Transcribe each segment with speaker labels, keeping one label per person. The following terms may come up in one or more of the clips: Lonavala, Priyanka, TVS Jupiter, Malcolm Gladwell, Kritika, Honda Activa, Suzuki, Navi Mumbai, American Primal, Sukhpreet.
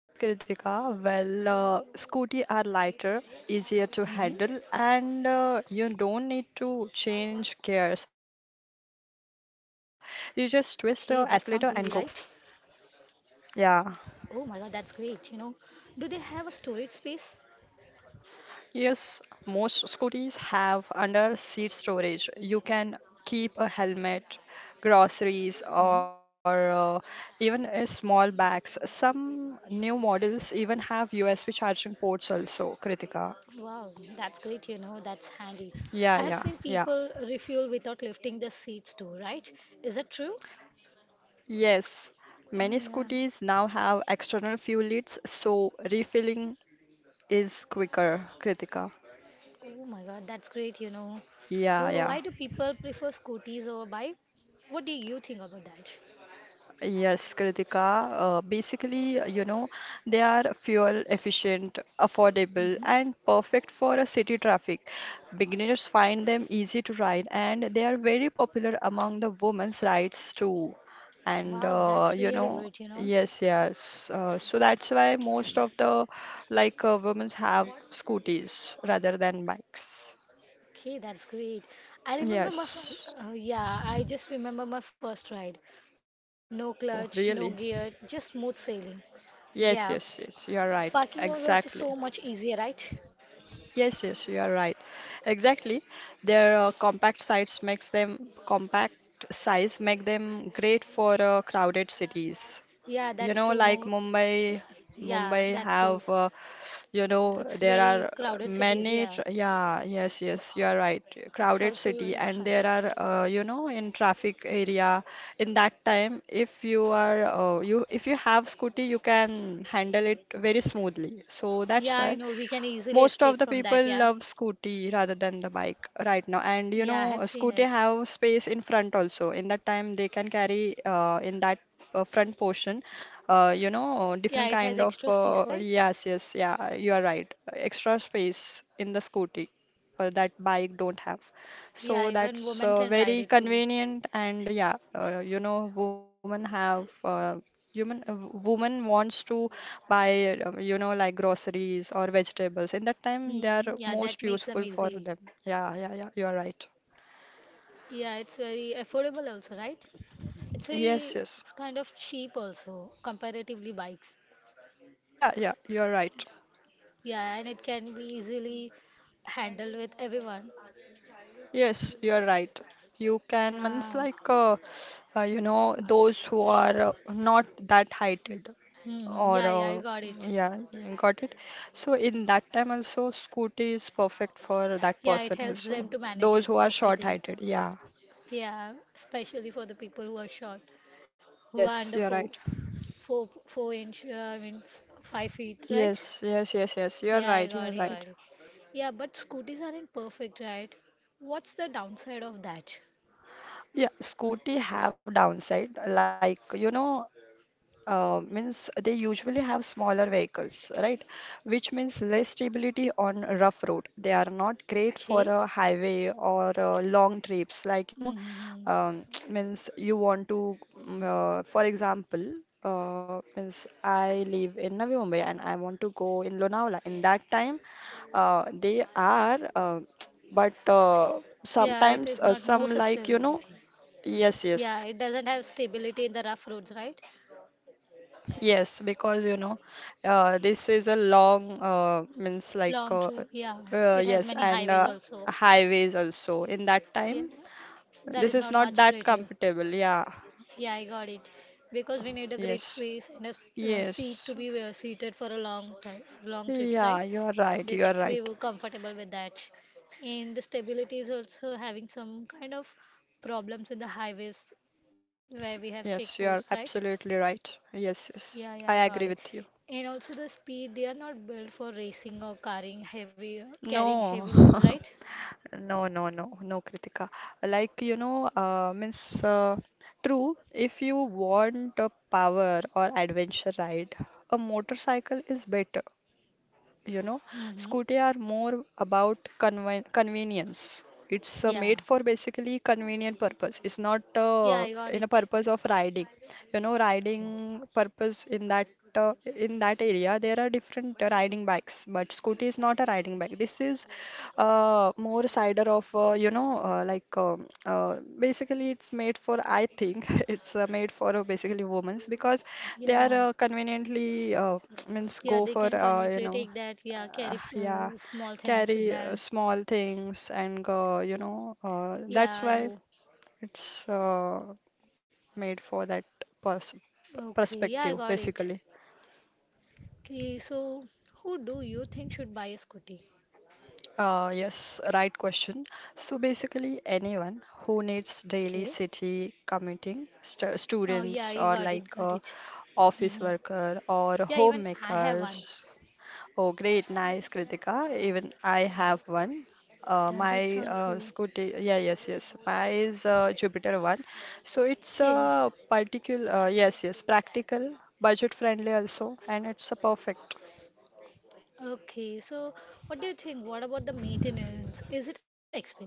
Speaker 1: Yes, Kritika, well, Scooty are lighter, easier to handle,
Speaker 2: Mm-hmm.
Speaker 1: and you don't need to change gears. You just twist
Speaker 2: Okay,
Speaker 1: the
Speaker 2: that sounds
Speaker 1: escalator
Speaker 2: easy,
Speaker 1: and
Speaker 2: right?
Speaker 1: go. Yeah.
Speaker 2: Oh my god, that's great. Do they have a storage space?
Speaker 1: Yes, most scooters have under seat storage. You can keep a helmet, groceries,
Speaker 2: Mhm.
Speaker 1: or even a small bags. Some new models even have USB charging ports also, Kritika.
Speaker 2: Wow, that's great, that's handy.
Speaker 1: Yeah,
Speaker 2: I have
Speaker 1: yeah,
Speaker 2: seen
Speaker 1: yeah.
Speaker 2: people refuel without lifting the seats too, right? Is that true?
Speaker 1: Yes,
Speaker 2: Oh
Speaker 1: many
Speaker 2: yeah.
Speaker 1: scooters now have external fuel leads, so refilling is quicker, Kritika.
Speaker 2: Oh my God, that's great,
Speaker 1: Yeah,
Speaker 2: So
Speaker 1: yeah.
Speaker 2: why do people prefer scooters over bike? What do you think about that?
Speaker 1: Yes, Kritika. Basically, they are fuel efficient, affordable,
Speaker 2: Hmm.
Speaker 1: and perfect for a city traffic. Beginners find them easy to ride, and they are very popular among the women's rides too. And
Speaker 2: Wow, that's really great,
Speaker 1: yes, yes. So that's why most of the like women's have scooters rather than bikes.
Speaker 2: Okay, that's great. I remember my first,
Speaker 1: Yes.
Speaker 2: Yeah, I just remember my first ride. No clutch, no
Speaker 1: Oh,
Speaker 2: gear,
Speaker 1: really?
Speaker 2: just smooth sailing. Yeah,
Speaker 1: Yes, yes, yes. You're
Speaker 2: parking was
Speaker 1: right.
Speaker 2: also so much
Speaker 1: Exactly.
Speaker 2: easier, right?
Speaker 1: Yes, yes, you are right. Exactly. Their compact size make them great for crowded cities.
Speaker 2: Yeah,
Speaker 1: You
Speaker 2: that's
Speaker 1: know,
Speaker 2: true.
Speaker 1: like
Speaker 2: More.
Speaker 1: Mumbai,
Speaker 2: Yeah,
Speaker 1: Mumbai
Speaker 2: that's great.
Speaker 1: have you know,
Speaker 2: It's
Speaker 1: there are
Speaker 2: very crowded cities.
Speaker 1: many
Speaker 2: Yeah,
Speaker 1: yeah, yes, yes, you are right.
Speaker 2: it's
Speaker 1: Crowded
Speaker 2: also
Speaker 1: city,
Speaker 2: a
Speaker 1: and
Speaker 2: trap.
Speaker 1: there are you know, in traffic area, in that time, if you are you if you have scooty, you can handle it very smoothly. So
Speaker 2: Yeah,
Speaker 1: that's
Speaker 2: I
Speaker 1: why
Speaker 2: know. We can easily
Speaker 1: most
Speaker 2: escape
Speaker 1: of the
Speaker 2: from
Speaker 1: people
Speaker 2: that. Yeah.
Speaker 1: love scooty rather than the bike right now, and you
Speaker 2: Yeah, I
Speaker 1: know a
Speaker 2: have seen
Speaker 1: scooty
Speaker 2: it.
Speaker 1: have space in front also. In that time, they can carry in that front portion you know,
Speaker 2: Yeah,
Speaker 1: different
Speaker 2: it has
Speaker 1: kind of
Speaker 2: extra space, right?
Speaker 1: yes, yes, yeah, you are right, extra space in the scooty that bike don't have. So
Speaker 2: Yeah, even
Speaker 1: that's
Speaker 2: women can ride
Speaker 1: very
Speaker 2: it too.
Speaker 1: convenient. And yeah, you know, women have Human, a woman wants to buy, like groceries or vegetables. In that time,
Speaker 2: Hmm.
Speaker 1: they are
Speaker 2: Yeah, that makes
Speaker 1: most
Speaker 2: them
Speaker 1: useful
Speaker 2: easy.
Speaker 1: for them. Yeah, yeah, yeah. You are right.
Speaker 2: Yeah, it's very affordable also, right? It's very,
Speaker 1: Yes,
Speaker 2: it's
Speaker 1: yes.
Speaker 2: kind of cheap also, comparatively bikes.
Speaker 1: Yeah, yeah. You are right.
Speaker 2: Yeah, and it can be easily handled with everyone.
Speaker 1: Yes, you are right. You can,
Speaker 2: Yeah.
Speaker 1: means like, you know, those who are not that heighted
Speaker 2: Hmm. Yeah,
Speaker 1: or,
Speaker 2: yeah, I got it.
Speaker 1: yeah, you got it. So in that time also, scooty is perfect for that
Speaker 2: Yeah, it
Speaker 1: person
Speaker 2: helps them
Speaker 1: also.
Speaker 2: to manage
Speaker 1: Those
Speaker 2: it
Speaker 1: who are
Speaker 2: perfectly.
Speaker 1: short-heighted. Yeah.
Speaker 2: Yeah, especially for the people who are short, who are under
Speaker 1: Yes, you're
Speaker 2: four,
Speaker 1: right.
Speaker 2: four, four inch, I mean, 5 feet, right?
Speaker 1: Yes, yes, yes, yes. You're
Speaker 2: Yeah, I
Speaker 1: right.
Speaker 2: got
Speaker 1: You're
Speaker 2: it, got
Speaker 1: right.
Speaker 2: it. Yeah, but scooters aren't perfect, right? What's the downside of that?
Speaker 1: Yeah, scooty have downside. Like, you know, means they usually have smaller vehicles, right? Which means less stability on rough road. They are not great
Speaker 2: Okay.
Speaker 1: for a highway or long trips. Like, you know,
Speaker 2: Mm-hmm.
Speaker 1: um, means you want to, for example, means I live in Navi Mumbai and I want to go in Lonavala. In that time, they are, but
Speaker 2: Yeah, it is
Speaker 1: sometimes
Speaker 2: not more
Speaker 1: some, like, you know,
Speaker 2: sustainability.
Speaker 1: yes,
Speaker 2: Yeah,
Speaker 1: yes.
Speaker 2: it doesn't have stability in the rough roads, right?
Speaker 1: Yes, because you know, this is a long means like
Speaker 2: Long trip, yeah. It has
Speaker 1: yes,
Speaker 2: many
Speaker 1: and
Speaker 2: highways also.
Speaker 1: highways also in that
Speaker 2: Yeah,
Speaker 1: time.
Speaker 2: that is
Speaker 1: This
Speaker 2: not
Speaker 1: is not
Speaker 2: much
Speaker 1: that
Speaker 2: greater.
Speaker 1: comfortable. Yeah.
Speaker 2: Yeah, I got it. Because we need a great
Speaker 1: Yes.
Speaker 2: space and a seat to
Speaker 1: Yes.
Speaker 2: be seated for a long time, long trips, right?
Speaker 1: Yeah, you're right.
Speaker 2: That
Speaker 1: You're
Speaker 2: should
Speaker 1: right.
Speaker 2: be comfortable with that. And the stability is also having some kind of problems in the highways where we have
Speaker 1: Yes,
Speaker 2: checkposts,
Speaker 1: you're
Speaker 2: right?
Speaker 1: absolutely right. Yes,
Speaker 2: Yeah,
Speaker 1: yes.
Speaker 2: yeah, I
Speaker 1: I
Speaker 2: got it.
Speaker 1: agree with you.
Speaker 2: And also the speed, they are not built for racing or carrying heavy
Speaker 1: No.
Speaker 2: loads, right?
Speaker 1: No, no, no, no, Kritika. Like, you know, means true, if you want a power or adventure ride, a motorcycle is better, you know.
Speaker 2: Mm-hmm.
Speaker 1: Scooty are more about convenience. It's
Speaker 2: Yeah,
Speaker 1: made for basically convenient purpose. It's not
Speaker 2: yeah, I got
Speaker 1: in a
Speaker 2: it.
Speaker 1: purpose of riding, you know, riding purpose. In that in that area there are different riding bikes, but scooty is not a riding bike. This is more cider of you know, like basically it's made for, I think it's made for basically women's, because they are
Speaker 2: Yeah.
Speaker 1: conveniently means
Speaker 2: Yeah,
Speaker 1: go
Speaker 2: they
Speaker 1: for
Speaker 2: can
Speaker 1: you
Speaker 2: conveniently
Speaker 1: know,
Speaker 2: take that. Yeah, carry
Speaker 1: yeah,
Speaker 2: small things with
Speaker 1: carry
Speaker 2: them.
Speaker 1: small things and go, you know,
Speaker 2: Yeah,
Speaker 1: that's
Speaker 2: I
Speaker 1: why
Speaker 2: know.
Speaker 1: it's made for that pers
Speaker 2: Okay, yeah, I
Speaker 1: perspective,
Speaker 2: got it.
Speaker 1: basically.
Speaker 2: Okay, so who do you think should buy a scooty?
Speaker 1: Yes, right question. So basically, anyone who needs daily
Speaker 2: Okay.
Speaker 1: city commuting, st
Speaker 2: Oh, yeah,
Speaker 1: students
Speaker 2: you
Speaker 1: or
Speaker 2: got it,
Speaker 1: like
Speaker 2: got it.
Speaker 1: office
Speaker 2: Mm-hmm.
Speaker 1: worker or
Speaker 2: Yeah, even I have one.
Speaker 1: homemakers. Oh, great. Nice, Kritika. Even I have one. Uh,
Speaker 2: Yeah,
Speaker 1: my
Speaker 2: that sounds
Speaker 1: uh,
Speaker 2: good.
Speaker 1: scooty, yeah, yes, yes. My is Jupiter one. So it's
Speaker 2: Okay,
Speaker 1: a particular, yes, yes, practical, budget friendly also, and it's a perfect.
Speaker 2: okay. So, what do you think? What about the maintenance? Is it expensive?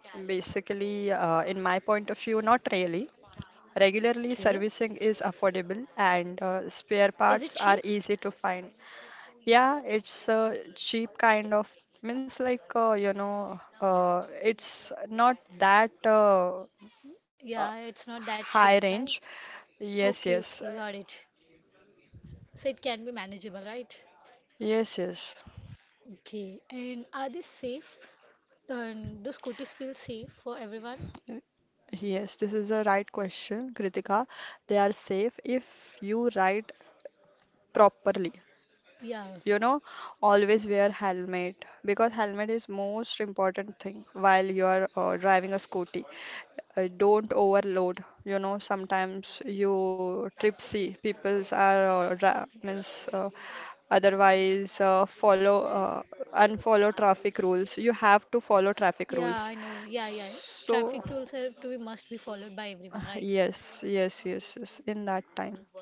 Speaker 1: Basically, in my point of view, not really. Regularly
Speaker 2: Okay.
Speaker 1: servicing is affordable, and spare
Speaker 2: Is it
Speaker 1: parts
Speaker 2: cheap?
Speaker 1: are easy to find. Yeah, it's a cheap kind of, means like you know, it's not that
Speaker 2: Yeah,
Speaker 1: uh,
Speaker 2: it's not that cheap,
Speaker 1: high
Speaker 2: right?
Speaker 1: range.
Speaker 2: Okay,
Speaker 1: Yes,
Speaker 2: okay,
Speaker 1: yes,
Speaker 2: got it. So it can be manageable, right?
Speaker 1: yes, yes.
Speaker 2: Okay. And are they safe? And do scooters feel safe for everyone?
Speaker 1: Yes, this is a right question, Kritika. They are safe if you write properly.
Speaker 2: Yeah.
Speaker 1: You know, always wear helmet, because helmet is most important thing while you are driving a scooty. Don't overload. You know, sometimes you tripsy peoples are dra- means otherwise follow unfollow traffic rules. You have to follow traffic
Speaker 2: Yeah, I
Speaker 1: rules,
Speaker 2: know. Yeah, yeah.
Speaker 1: so
Speaker 2: Traffic rules have to be must be followed by everyone, right?
Speaker 1: yes, yes, yes, yes, in that time,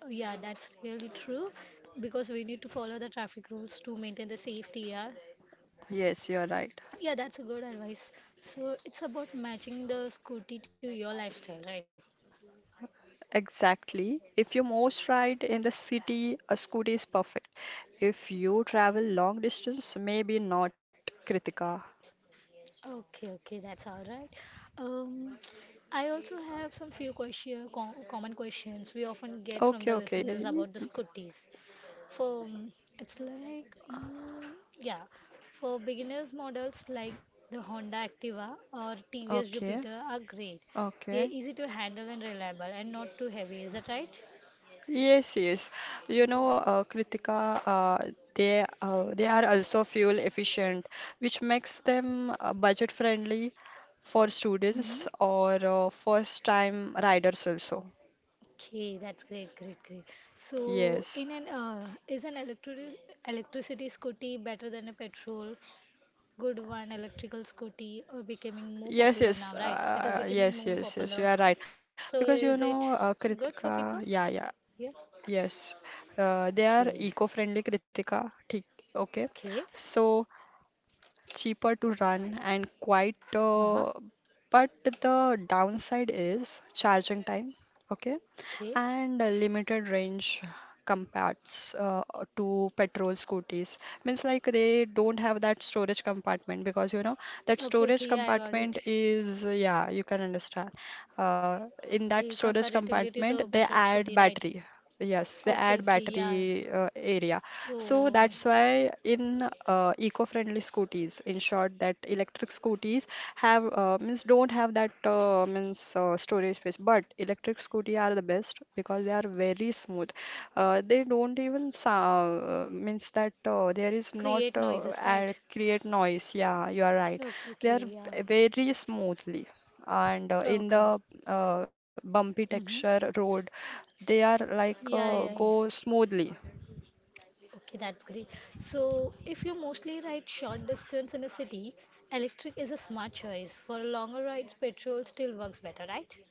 Speaker 2: Yeah, that's really true because we need to follow the traffic rules to maintain the safety, yeah.
Speaker 1: yes, you're right.
Speaker 2: Yeah, that's a good advice. So it's about matching the scooty to your lifestyle, right?
Speaker 1: Exactly. If you most ride in the city, a scooty is perfect. If you travel long distance, maybe not, Kritika.
Speaker 2: Okay, okay, that's all right. Um, I also have some few question, common questions we often get from the
Speaker 1: Okay,
Speaker 2: listeners about
Speaker 1: okay.
Speaker 2: the scooties. For it's like, mm, Yeah, for beginners models like the Honda Activa or TVS
Speaker 1: Okay,
Speaker 2: Jupiter are great. They're
Speaker 1: okay.
Speaker 2: easy to handle and reliable and not too heavy. Is that right?
Speaker 1: Yes, yes. You know, Kritika, they are also fuel efficient, which makes them budget friendly for
Speaker 2: Mm-hmm.
Speaker 1: students or first time riders also.
Speaker 2: Okay, that's great, great, great. So,
Speaker 1: Yes.
Speaker 2: in an is an electric electricity scooty better than a petrol? Good one, electrical scooty or becoming more
Speaker 1: Yes,
Speaker 2: popular now,
Speaker 1: yes,
Speaker 2: right? It is becoming
Speaker 1: yes,
Speaker 2: more
Speaker 1: yes, yes,
Speaker 2: popular.
Speaker 1: you are right.
Speaker 2: So,
Speaker 1: Because
Speaker 2: is
Speaker 1: you
Speaker 2: it
Speaker 1: know,
Speaker 2: good for people?
Speaker 1: Kritika, yeah, yeah,
Speaker 2: Yeah.
Speaker 1: yes, they
Speaker 2: Okay.
Speaker 1: are eco-friendly, Kritika. ठीक, okay.
Speaker 2: Okay.
Speaker 1: So, cheaper to run and quite
Speaker 2: Uh-huh.
Speaker 1: but the downside is charging time, okay,
Speaker 2: Okay.
Speaker 1: and a limited range, compacts to petrol scooters. Means like, they don't have that storage compartment, because you know that
Speaker 2: Okay,
Speaker 1: storage
Speaker 2: okay, yeah, I got
Speaker 1: compartment
Speaker 2: it.
Speaker 1: is, yeah, you can understand. uh, in that
Speaker 2: Okay,
Speaker 1: storage
Speaker 2: comparatively to
Speaker 1: compartment
Speaker 2: the
Speaker 1: they
Speaker 2: petrol
Speaker 1: add
Speaker 2: scooty, right?
Speaker 1: battery. Yes, they
Speaker 2: Okay,
Speaker 1: add
Speaker 2: okay, yeah.
Speaker 1: battery area.
Speaker 2: So,
Speaker 1: So that's why in eco-friendly scooters, in short, that electric scooters have means don't have that means storage space. But electric scooty are the best because they are very smooth. They don't even sound, means that there is not
Speaker 2: create noises, right?
Speaker 1: create noise. Yeah, you are right.
Speaker 2: Okay,
Speaker 1: They are
Speaker 2: okay, yeah.
Speaker 1: very smoothly, and in the
Speaker 2: Okay.
Speaker 1: bumpy
Speaker 2: Hmm.
Speaker 1: texture road, they are, like,
Speaker 2: Yeah, yeah, yeah.
Speaker 1: go smoothly.
Speaker 2: Okay, that's great. So, if you mostly ride short distance in a city, electric is a smart choice. For longer rides, petrol still works better, right?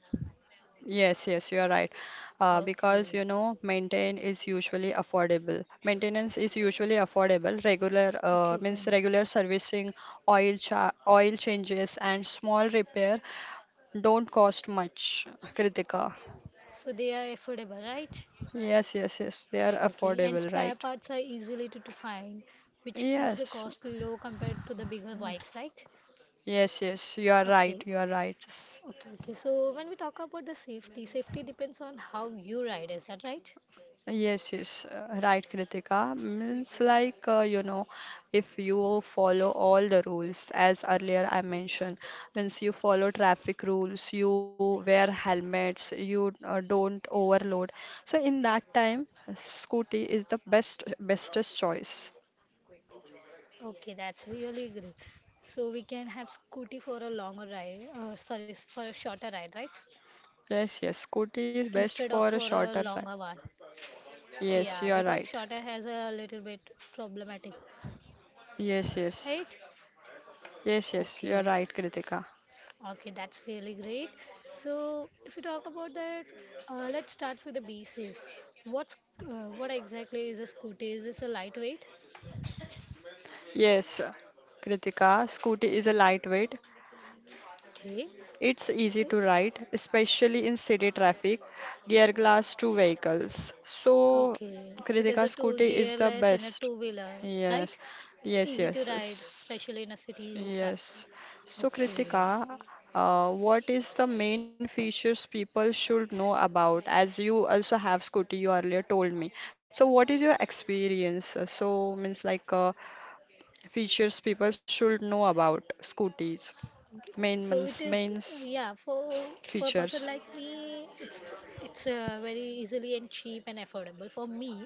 Speaker 1: Yes, yes, you are right. Because you
Speaker 2: Okay,
Speaker 1: know, maintain is usually affordable. Maintenance is usually affordable. Regular
Speaker 2: okay,
Speaker 1: means
Speaker 2: okay.
Speaker 1: regular servicing, oil changes, and small repair don't cost much, Kritika.
Speaker 2: So they are affordable, right?
Speaker 1: Yes, yes, yes. They are
Speaker 2: Okay,
Speaker 1: affordable,
Speaker 2: and
Speaker 1: right?
Speaker 2: spare parts are easily to find, which keeps the
Speaker 1: Yes,
Speaker 2: cost low compared to the bigger bikes, right?
Speaker 1: yes, yes. You are right. You
Speaker 2: Okay,
Speaker 1: are right.
Speaker 2: okay, okay. So when we talk about the safety, safety depends on how you ride, is that right?
Speaker 1: Yes, yes, right, Kritika. Means like, you know, if you follow all the rules, as earlier I mentioned, means you follow traffic rules, you wear helmets, you don't overload. So in that time, scooty is the best, bestest choice.
Speaker 2: Okay, that's really great. So we can have scooty for a longer ride, sorry, for a shorter ride, right?
Speaker 1: Yes, yes, scooty is best
Speaker 2: Instead of
Speaker 1: for a
Speaker 2: for a
Speaker 1: shorter ride.
Speaker 2: longer one.
Speaker 1: Yes,
Speaker 2: Yeah,
Speaker 1: you are
Speaker 2: because
Speaker 1: right.
Speaker 2: shorter has a little bit problematic,
Speaker 1: Yes, yes.
Speaker 2: right?
Speaker 1: Yes, yes, you are
Speaker 2: Okay,
Speaker 1: right, Kritika.
Speaker 2: okay, that's really great. So if you talk about that, let's start with the B safe. What's what exactly is a scooty? Is this a lightweight?
Speaker 1: Yes, Kritika, Scooty is a lightweight.
Speaker 2: Okay.
Speaker 1: It's easy to
Speaker 2: Uh,
Speaker 1: ride, especially in city traffic, gear glass to vehicles. So,
Speaker 2: Okay, it
Speaker 1: Kritika,
Speaker 2: is a two
Speaker 1: scooty is the
Speaker 2: gearless and a
Speaker 1: best.
Speaker 2: two wheeler,
Speaker 1: Yes,
Speaker 2: right? It's
Speaker 1: yes,
Speaker 2: easy to
Speaker 1: yes,
Speaker 2: ride, especially in a city traffic.
Speaker 1: Yes. So,
Speaker 2: Okay,
Speaker 1: Kritika, what is the main features people should know about? As you also have scooty, you earlier told me. So, what is your experience? So, means like features people should know about scooties,
Speaker 2: so
Speaker 1: main,
Speaker 2: it
Speaker 1: means
Speaker 2: is,
Speaker 1: main
Speaker 2: yeah, for a person
Speaker 1: features.
Speaker 2: like me, it's very easily and cheap and affordable. For me,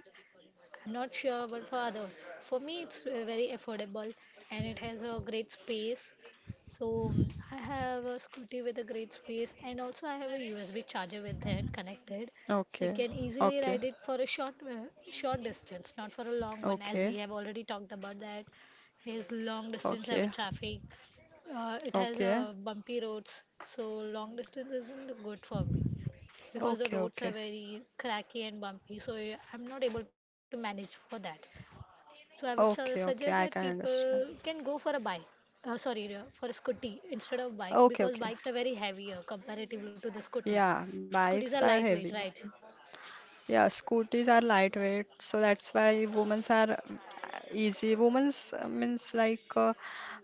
Speaker 2: I'm not sure, but for father, for me, it's very affordable and it has a great space. So I have a scooty with a great space, and also I have a USB charger with that connected, so I
Speaker 1: Okay,
Speaker 2: can easily ride
Speaker 1: okay,
Speaker 2: it for a short, short distance, not for a long one, as we have
Speaker 1: okay,
Speaker 2: already talked about that. Is long distance have a
Speaker 1: okay,
Speaker 2: traffic. It has
Speaker 1: okay,
Speaker 2: bumpy roads, so long distance isn't good for me because the
Speaker 1: okay,
Speaker 2: roads are
Speaker 1: okay,
Speaker 2: very cracky and bumpy. So I'm not able to manage for that. So I would
Speaker 1: okay,
Speaker 2: suggest
Speaker 1: okay,
Speaker 2: that
Speaker 1: I can
Speaker 2: people
Speaker 1: understand.
Speaker 2: can go for a bike. Sorry, for a scooty instead of bike
Speaker 1: Okay,
Speaker 2: because
Speaker 1: okay,
Speaker 2: bikes are very heavier comparatively to the scooty.
Speaker 1: yeah,
Speaker 2: Scooties are
Speaker 1: bikes are
Speaker 2: lightweight, right?
Speaker 1: heavy. Yeah, scooters are lightweight, so that's why women's are easy. Women's means like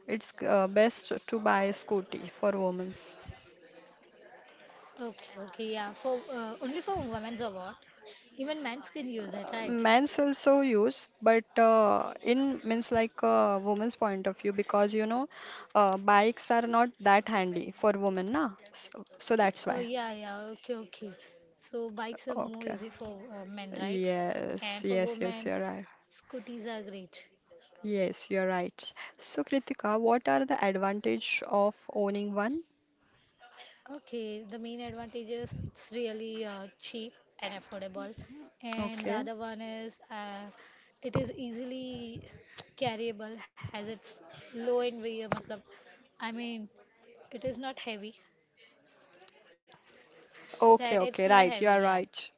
Speaker 1: it's best to buy a scooty for women.
Speaker 2: Okay, okay, yeah. For only for women's award, even men can use it, right?
Speaker 1: Men's also use, but in, means like, a woman's point of view, because you know bikes are not that handy for women, na, so, so that's
Speaker 2: Oh
Speaker 1: why,
Speaker 2: yeah, yeah. Okay, okay. So bikes are more
Speaker 1: okay,
Speaker 2: easy for men, right?
Speaker 1: yes,
Speaker 2: And for
Speaker 1: yes, yes,
Speaker 2: women,
Speaker 1: you're right,
Speaker 2: scooties are great.
Speaker 1: yes, you're right. So, Kritika, what are the advantage of owning one?
Speaker 2: Okay, the main advantage is it's really cheap and affordable, and the
Speaker 1: Okay,
Speaker 2: other one is it is easily carryable, has its low in weight. I mean, it is not heavy. That
Speaker 1: okay,
Speaker 2: it's not
Speaker 1: okay,
Speaker 2: heavy,
Speaker 1: right, you are
Speaker 2: yeah.
Speaker 1: right.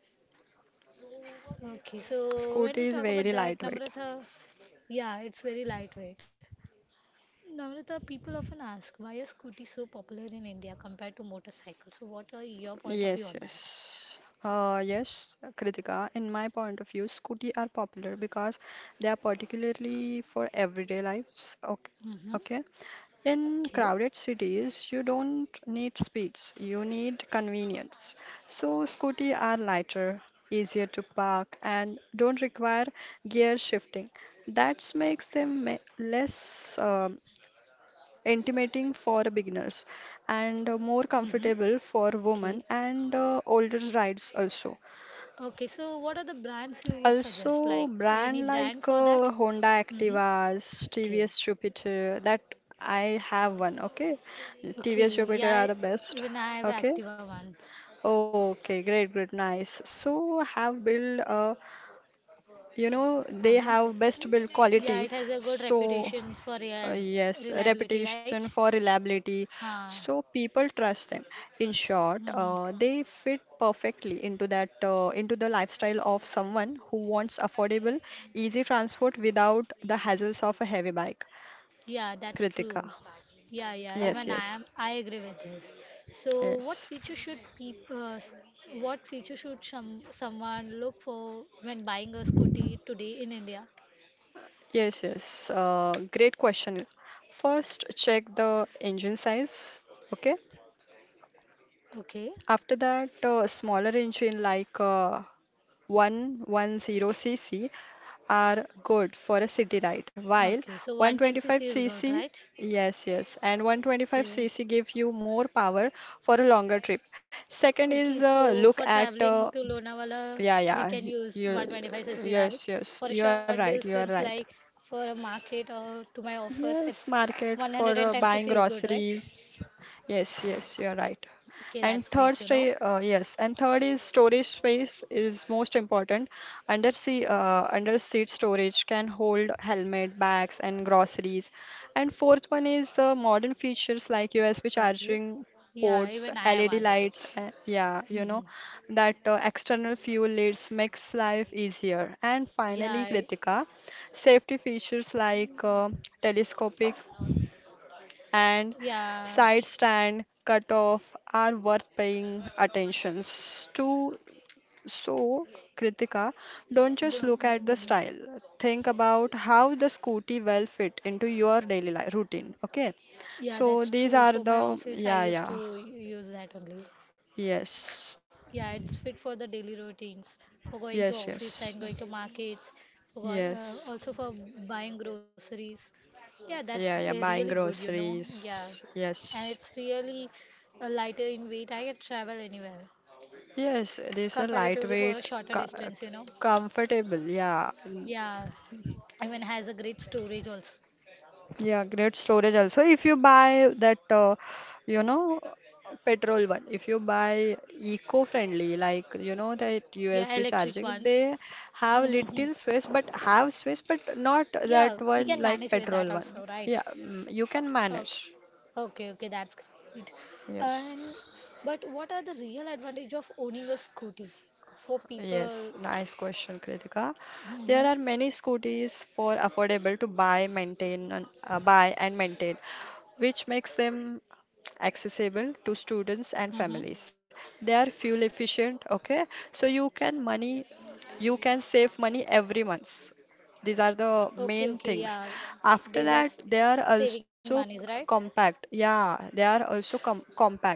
Speaker 2: Okay, so when we
Speaker 1: Scooty
Speaker 2: talk
Speaker 1: is
Speaker 2: about
Speaker 1: very
Speaker 2: that,
Speaker 1: lightweight.
Speaker 2: Namrata, yeah, it's very lightweight. Namrata, people often ask why are scooties so popular in India compared to motorcycles? So, what are your point of view
Speaker 1: Yes,
Speaker 2: on that?
Speaker 1: yes. Yes, Kritika, in my point of view, scooty are popular because they are particularly for everyday lives. Okay.
Speaker 2: Mm-hmm.
Speaker 1: Okay. In
Speaker 2: Okay.
Speaker 1: crowded cities, you don't need speeds, you need convenience. So scooty are lighter, easier to park, and don't require gear shifting. That makes them less intimating for beginners and more
Speaker 2: Mm-hmm.
Speaker 1: comfortable for women
Speaker 2: Okay.
Speaker 1: and older rides also.
Speaker 2: Okay, so what are the brands you would suggest?
Speaker 1: Also,
Speaker 2: Like
Speaker 1: brand
Speaker 2: any
Speaker 1: like
Speaker 2: brand for that?
Speaker 1: Honda
Speaker 2: Mm-hmm.
Speaker 1: Activas, TVS
Speaker 2: Okay.
Speaker 1: Jupiter, that I have one, okay? TVS
Speaker 2: Okay,
Speaker 1: Jupiter
Speaker 2: yeah,
Speaker 1: are the best,
Speaker 2: even I have
Speaker 1: okay?
Speaker 2: Activa one.
Speaker 1: Okay, great, great, nice. So, have built a, you know, they
Speaker 2: Uh-huh.
Speaker 1: have best build
Speaker 2: Yeah, it
Speaker 1: quality.
Speaker 2: has a good
Speaker 1: So,
Speaker 2: reputation for
Speaker 1: yes,
Speaker 2: reliability, right?
Speaker 1: reputation for reliability.
Speaker 2: Huh.
Speaker 1: So, people trust them. In short,
Speaker 2: Mm-hmm.
Speaker 1: they fit perfectly into that into the lifestyle of someone who wants affordable, easy transport without the hassles of a heavy bike,
Speaker 2: Yeah, that's
Speaker 1: Kritika.
Speaker 2: true. Yeah, yeah,
Speaker 1: Yes, yes,
Speaker 2: I agree with this. So what
Speaker 1: yes,
Speaker 2: feature should what feature should someone look for when buying a scooty today in India?
Speaker 1: yes, yes. Great question. First, check the engine size. Okay.
Speaker 2: Okay.
Speaker 1: After that, smaller engine like 110cc are good for a city ride, while
Speaker 2: Okay, so 110cc is good,
Speaker 1: 125cc,
Speaker 2: right?
Speaker 1: yes, yes, and
Speaker 2: Okay.
Speaker 1: 125cc give you more power for a longer trip. Second
Speaker 2: Okay,
Speaker 1: is
Speaker 2: so for
Speaker 1: look at,
Speaker 2: traveling to Lonavala,
Speaker 1: yeah,
Speaker 2: we
Speaker 1: yeah,
Speaker 2: can use
Speaker 1: you,
Speaker 2: 125cc, right? For
Speaker 1: yes,
Speaker 2: a
Speaker 1: you are
Speaker 2: short
Speaker 1: right, you are
Speaker 2: distance,
Speaker 1: right.
Speaker 2: like for a market or to my office,
Speaker 1: Yes,
Speaker 2: it's
Speaker 1: market for
Speaker 2: 110cc
Speaker 1: buying
Speaker 2: is good, right?
Speaker 1: groceries. Yes, yes, you're right.
Speaker 2: Okay, that's
Speaker 1: And
Speaker 2: great,
Speaker 1: third
Speaker 2: you know.
Speaker 1: stay, uh, yes, and third is storage space is most important. Under seat storage can hold helmet, bags, and groceries. And fourth one is modern features like USB
Speaker 2: Okay.
Speaker 1: charging
Speaker 2: Yeah,
Speaker 1: ports,
Speaker 2: even I have
Speaker 1: LED
Speaker 2: one, right?
Speaker 1: lights. Yeah,
Speaker 2: Hmm.
Speaker 1: that external fuel lids makes life easier. And
Speaker 2: Yeah,
Speaker 1: finally,
Speaker 2: I-
Speaker 1: Kritika. Safety features like telescopic and
Speaker 2: yeah.
Speaker 1: side stand cutoff are worth paying attentions to. So, Kritika, don't
Speaker 2: Do,
Speaker 1: just look at the
Speaker 2: mm.
Speaker 1: style. Think about how the scooty will fit into your daily life routine. Okay.
Speaker 2: Yeah,
Speaker 1: So
Speaker 2: that's
Speaker 1: these
Speaker 2: true.
Speaker 1: are
Speaker 2: For
Speaker 1: the,
Speaker 2: my office, I
Speaker 1: yeah,
Speaker 2: used to use that only.
Speaker 1: yes
Speaker 2: Yeah, it's fit for the daily routines, for going to
Speaker 1: yes
Speaker 2: office
Speaker 1: yes
Speaker 2: and going to markets, for
Speaker 1: yes
Speaker 2: also for buying groceries. Yeah,
Speaker 1: yeah
Speaker 2: that's
Speaker 1: yeah buying
Speaker 2: really good, you know. Yeah,
Speaker 1: groceries,
Speaker 2: and
Speaker 1: yes.
Speaker 2: it's really lighter in weight. I can travel anywhere
Speaker 1: Yes, it is a
Speaker 2: comparatively for
Speaker 1: lightweight,
Speaker 2: a shorter
Speaker 1: co-
Speaker 2: distance, you know.
Speaker 1: comfortable. Yeah,
Speaker 2: Yeah, even has a great storage also.
Speaker 1: yeah, great storage also. If you buy that, you know, petrol one, if you buy eco-friendly, like you know that
Speaker 2: Yeah,
Speaker 1: USB
Speaker 2: electric
Speaker 1: charging,
Speaker 2: one.
Speaker 1: they have little space, but have space, but not
Speaker 2: Yeah,
Speaker 1: that
Speaker 2: we
Speaker 1: one
Speaker 2: can
Speaker 1: like
Speaker 2: manage with
Speaker 1: petrol
Speaker 2: that
Speaker 1: one.
Speaker 2: also, right?
Speaker 1: Yeah, you can manage.
Speaker 2: Okay, okay, okay, that's great.
Speaker 1: Yes.
Speaker 2: And but what are the real advantage of owning a scooty for
Speaker 1: Yes,
Speaker 2: people?
Speaker 1: nice question, Kritika. There
Speaker 2: Mm-hmm.
Speaker 1: are many scooters for affordable to buy, maintain, and buy and maintain, which makes them accessible to students and
Speaker 2: Mm-hmm.
Speaker 1: families. They are fuel efficient, okay? So you can money, you can save money every month. These are the
Speaker 2: Okay, okay,
Speaker 1: main
Speaker 2: yeah.
Speaker 1: things.
Speaker 2: These
Speaker 1: After
Speaker 2: are
Speaker 1: that, they are
Speaker 2: saving
Speaker 1: also
Speaker 2: monies, right?
Speaker 1: compact. Yeah, they are also compact,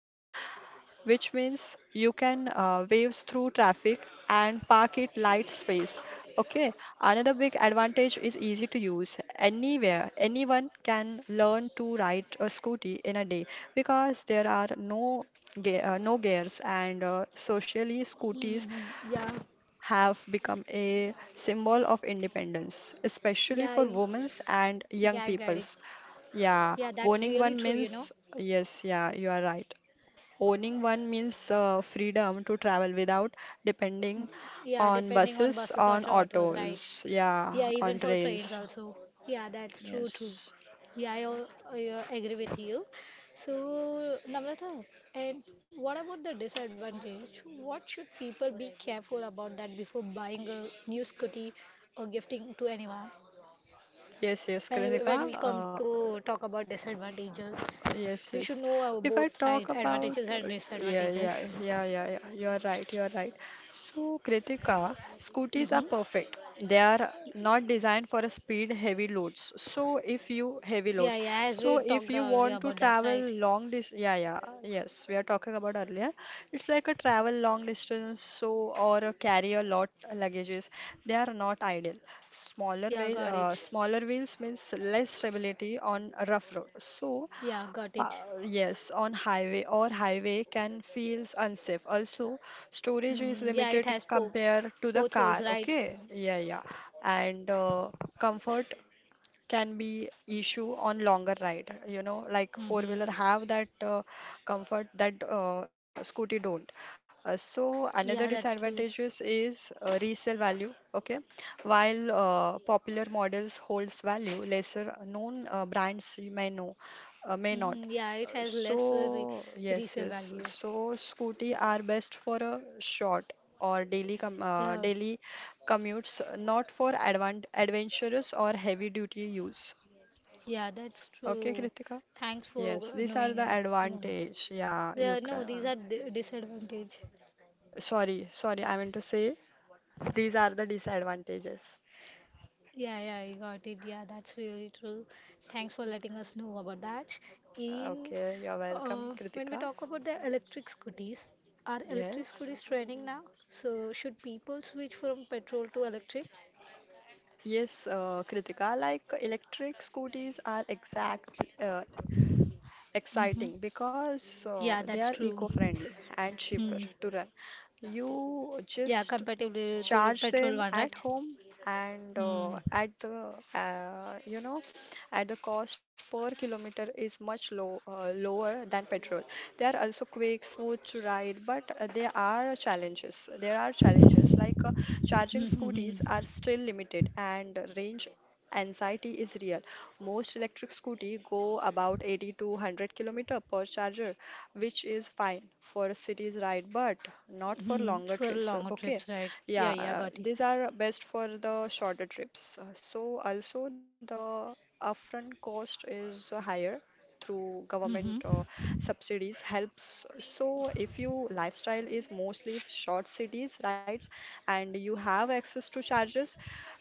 Speaker 1: which means you can waves through traffic and park it light space. Okay, another big advantage is easy to use. Anywhere, anyone can learn to ride a scooty in a day because there are no ge no gears, and socially scooties
Speaker 2: Mm-hmm. Yeah,
Speaker 1: have become a symbol of independence,
Speaker 2: yeah,
Speaker 1: especially for
Speaker 2: I,
Speaker 1: women and young
Speaker 2: yeah, I got it.
Speaker 1: peoples. Yeah,
Speaker 2: Yeah, that's
Speaker 1: owning
Speaker 2: really
Speaker 1: one
Speaker 2: true, you know.
Speaker 1: means yes, yeah, you are right. Owning one means freedom to travel without depending
Speaker 2: Yeah,
Speaker 1: on
Speaker 2: depending on
Speaker 1: buses,
Speaker 2: buses or
Speaker 1: on
Speaker 2: autos, right?
Speaker 1: autos, yeah,
Speaker 2: Yeah,
Speaker 1: on
Speaker 2: even for trains
Speaker 1: trains.
Speaker 2: also. Yeah, that's true too. Yeah, I, al- I agree with you. So, Namrata, and what about the disadvantage? What should people be careful about that before buying a new scooty or gifting to anyone?
Speaker 1: Yes, yes,
Speaker 2: When
Speaker 1: Kritika.
Speaker 2: we come to talk about disadvantages,
Speaker 1: Yes,
Speaker 2: we should
Speaker 1: yes.
Speaker 2: know our
Speaker 1: If I
Speaker 2: both
Speaker 1: talk
Speaker 2: right
Speaker 1: about,
Speaker 2: advantages and
Speaker 1: yeah,
Speaker 2: disadvantages.
Speaker 1: yeah, yeah, yeah, yeah, you are right, you are right. So, Kritika, scooters are
Speaker 2: Mm-hmm.
Speaker 1: perfect. They are not designed for a speed heavy loads. So, if you heavy
Speaker 2: Yeah,
Speaker 1: loads,
Speaker 2: yeah, as we
Speaker 1: so if
Speaker 2: talked
Speaker 1: you
Speaker 2: earlier
Speaker 1: want to
Speaker 2: about that,
Speaker 1: travel
Speaker 2: right?
Speaker 1: long distance, yes, we are talking about earlier. It's like a travel long distance, so or a carry a lot luggages. They are not ideal.
Speaker 2: Yeah, got it.
Speaker 1: Smaller wheels means less stability on a rough road. So
Speaker 2: Yeah, got it.
Speaker 1: Yes, on highway or highway can feels unsafe. Also, storage is
Speaker 2: Mm, yeah, it
Speaker 1: limited
Speaker 2: has po
Speaker 1: compared to the
Speaker 2: potholes,
Speaker 1: car.
Speaker 2: right?
Speaker 1: Okay, yeah, yeah, and comfort can be issue on longer ride, you know, like four wheeler
Speaker 2: Mm-hmm.
Speaker 1: have that comfort that scooty don't. So
Speaker 2: Yeah,
Speaker 1: another
Speaker 2: that's true.
Speaker 1: disadvantages is resale value, okay, while popular models holds value, lesser known brands you may know, may
Speaker 2: Mm,
Speaker 1: not.
Speaker 2: yeah, it
Speaker 1: Uh,
Speaker 2: has less
Speaker 1: so
Speaker 2: re
Speaker 1: yes
Speaker 2: resale
Speaker 1: yes
Speaker 2: value.
Speaker 1: so scooty are best for a short or
Speaker 2: Yeah,
Speaker 1: daily commutes, not for advan adventurous or heavy duty use.
Speaker 2: yeah, that's
Speaker 1: Okay,
Speaker 2: true.
Speaker 1: Kritika?
Speaker 2: Thanks
Speaker 1: Yes,
Speaker 2: for
Speaker 1: these are
Speaker 2: knowing.
Speaker 1: the
Speaker 2: Yeah,
Speaker 1: advantage. Yeah,
Speaker 2: yeah,
Speaker 1: you
Speaker 2: no, these are
Speaker 1: can.
Speaker 2: d disadvantage.
Speaker 1: Sorry, sorry, I meant to say these are the disadvantages.
Speaker 2: Yeah, yeah, I got it. Yeah, that's really true. Thanks for letting us know about that. In
Speaker 1: Okay, you're welcome,
Speaker 2: When we
Speaker 1: Kritika.
Speaker 2: talk about the electric scooters, are electric
Speaker 1: Yes.
Speaker 2: scooters trending now? So should people switch from petrol to electric?
Speaker 1: Yes, Kritika, like electric scooters are exact
Speaker 2: Mm-hmm.
Speaker 1: exciting because
Speaker 2: Yeah,
Speaker 1: they
Speaker 2: that's
Speaker 1: are
Speaker 2: true.
Speaker 1: eco-friendly and cheaper
Speaker 2: Hmm.
Speaker 1: to run. You
Speaker 2: Yeah,
Speaker 1: just
Speaker 2: comparatively to the
Speaker 1: charge
Speaker 2: petrol
Speaker 1: them
Speaker 2: one,
Speaker 1: at
Speaker 2: right?
Speaker 1: home and
Speaker 2: Hmm.
Speaker 1: uh, you know at the cost per kilometer is much low lower than petrol. They are also quick, smooth to ride, but There are challenges like charging scooters
Speaker 2: Mm-hmm.
Speaker 1: are still limited, and range anxiety is real. Most electric scooty go about 80 to 100 kilometer per charger, which is fine for cities ride, but not for longer
Speaker 2: Hmm. For
Speaker 1: trips.
Speaker 2: longer
Speaker 1: Okay,
Speaker 2: trips, right?
Speaker 1: yeah,
Speaker 2: Yeah, yeah, got
Speaker 1: these
Speaker 2: it.
Speaker 1: are best for the shorter trips. So also the upfront cost is higher, through government
Speaker 2: Mm-hmm.
Speaker 1: subsidies helps. So if you lifestyle is mostly short cities rides and you have access to charges,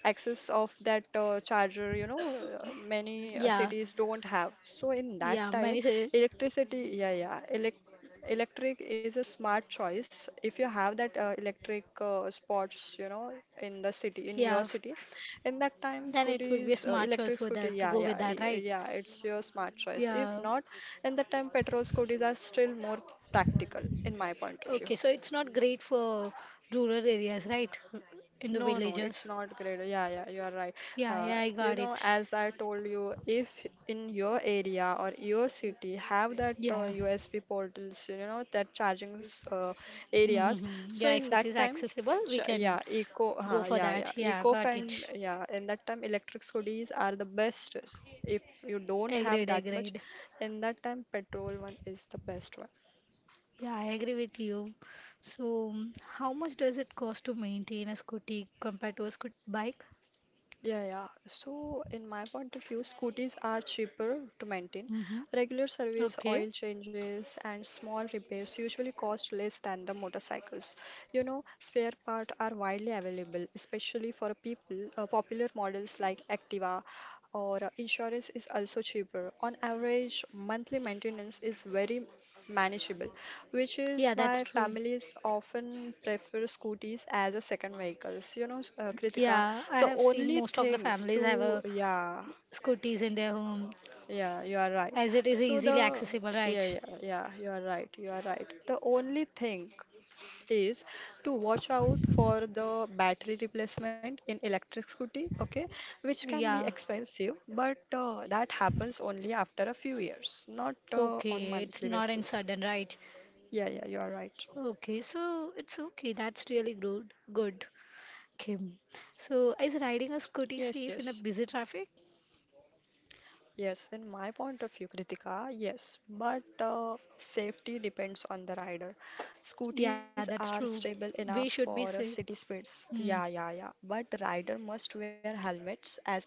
Speaker 1: access of that charger, you know, many
Speaker 2: Yeah,
Speaker 1: cities don't have, so in that
Speaker 2: yeah,
Speaker 1: time
Speaker 2: many say,
Speaker 1: electricity yeah yeah elect electric is a smart choice if you have that electric spots, you know, in the city, in your
Speaker 2: yeah,
Speaker 1: city, in that time
Speaker 2: then it would
Speaker 1: scooters
Speaker 2: be a smart
Speaker 1: electric
Speaker 2: choice for
Speaker 1: scooty
Speaker 2: that
Speaker 1: yeah
Speaker 2: to go
Speaker 1: yeah
Speaker 2: with that,
Speaker 1: y-
Speaker 2: right?
Speaker 1: yeah, it's your smart choice. If
Speaker 2: Yeah.
Speaker 1: not, in that time petrol scooters are still more practical in my point of view.
Speaker 2: Okay, so it's not great for rural areas, right? In the
Speaker 1: No, no, it's
Speaker 2: villages.
Speaker 1: not great. Yeah, yeah, you are right.
Speaker 2: Yeah, yeah, I
Speaker 1: You
Speaker 2: got
Speaker 1: know,
Speaker 2: it.
Speaker 1: as I told you, if in your area or your city have that
Speaker 2: Yeah.
Speaker 1: USB portals, you know, that areas,
Speaker 2: Mm-hmm.
Speaker 1: so
Speaker 2: Yeah, if
Speaker 1: in
Speaker 2: it is
Speaker 1: that time,
Speaker 2: accessible,
Speaker 1: ch
Speaker 2: we can
Speaker 1: yeah, eco,
Speaker 2: go
Speaker 1: huh,
Speaker 2: for
Speaker 1: yeah, yeah,
Speaker 2: that. Yeah,
Speaker 1: eco
Speaker 2: got it.
Speaker 1: friend, yeah, in that time, electric scooters are the best. If you don't have
Speaker 2: Agreed,
Speaker 1: that much,
Speaker 2: agreed.
Speaker 1: in that time, petrol one is the best one.
Speaker 2: Yeah, I agree with you. So, how much does it cost to maintain a scooty compared to a scoot bike?
Speaker 1: Yeah, yeah. So, in my point of view, scooters are cheaper to maintain.
Speaker 2: Mm-hmm.
Speaker 1: Regular service,
Speaker 2: Okay.
Speaker 1: oil changes, and small repairs usually cost less than the motorcycles. You know, spare parts are widely available, especially for popular models like Activa, or insurance is also cheaper. On average, monthly maintenance is very manageable, which is
Speaker 2: Yeah, that's
Speaker 1: why
Speaker 2: true.
Speaker 1: families often prefer scooters as a second vehicles. You know, Kritika,
Speaker 2: Yeah, I
Speaker 1: the
Speaker 2: have seen
Speaker 1: only
Speaker 2: most of the
Speaker 1: things
Speaker 2: families have
Speaker 1: to,
Speaker 2: a
Speaker 1: yeah,
Speaker 2: scooters in their home
Speaker 1: yeah, you are right.
Speaker 2: as it is
Speaker 1: So
Speaker 2: easily
Speaker 1: the,
Speaker 2: accessible,
Speaker 1: yeah,
Speaker 2: right?
Speaker 1: yeah, yeah, you are right, you are right. The only thing is to watch out for the battery replacement in electric scooty, okay, which can be
Speaker 2: Yeah.
Speaker 1: expensive, but that happens only after a few years, not on
Speaker 2: Okay, it's
Speaker 1: monthly
Speaker 2: not in
Speaker 1: basis.
Speaker 2: sudden, right?
Speaker 1: Yeah, yeah, you are right.
Speaker 2: Okay, so it's okay. That's really good. Good. Okay. So is riding a scooty
Speaker 1: Yes,
Speaker 2: safe in a
Speaker 1: yes.
Speaker 2: busy traffic?
Speaker 1: Yes, in my point of view, Kritika, yes, but safety depends on the rider.
Speaker 2: Yeah,
Speaker 1: Scooties
Speaker 2: that's
Speaker 1: are
Speaker 2: true.
Speaker 1: stable enough
Speaker 2: We should be
Speaker 1: for
Speaker 2: safe.
Speaker 1: city speeds.
Speaker 2: Hmm.
Speaker 1: Yeah, yeah, yeah. But rider must wear helmets, as I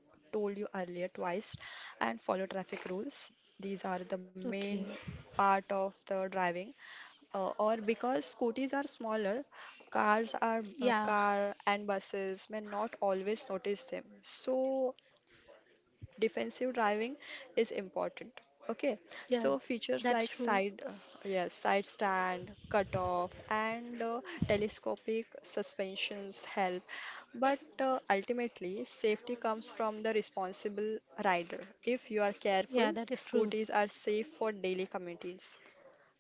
Speaker 1: told you earlier twice, and follow traffic rules. These are the
Speaker 2: Okay.
Speaker 1: main part of the driving. Or Because scooties are smaller,
Speaker 2: Yeah.
Speaker 1: car and buses may not always notice them. So defensive driving is important, okay,
Speaker 2: Yeah,
Speaker 1: so features
Speaker 2: that's
Speaker 1: like
Speaker 2: true.
Speaker 1: side yes, side stand cutoff and telescopic suspensions help, but ultimately safety comes from the responsible rider. If you are
Speaker 2: Yeah,
Speaker 1: careful,
Speaker 2: that is true.
Speaker 1: scooters are safe for daily commuters.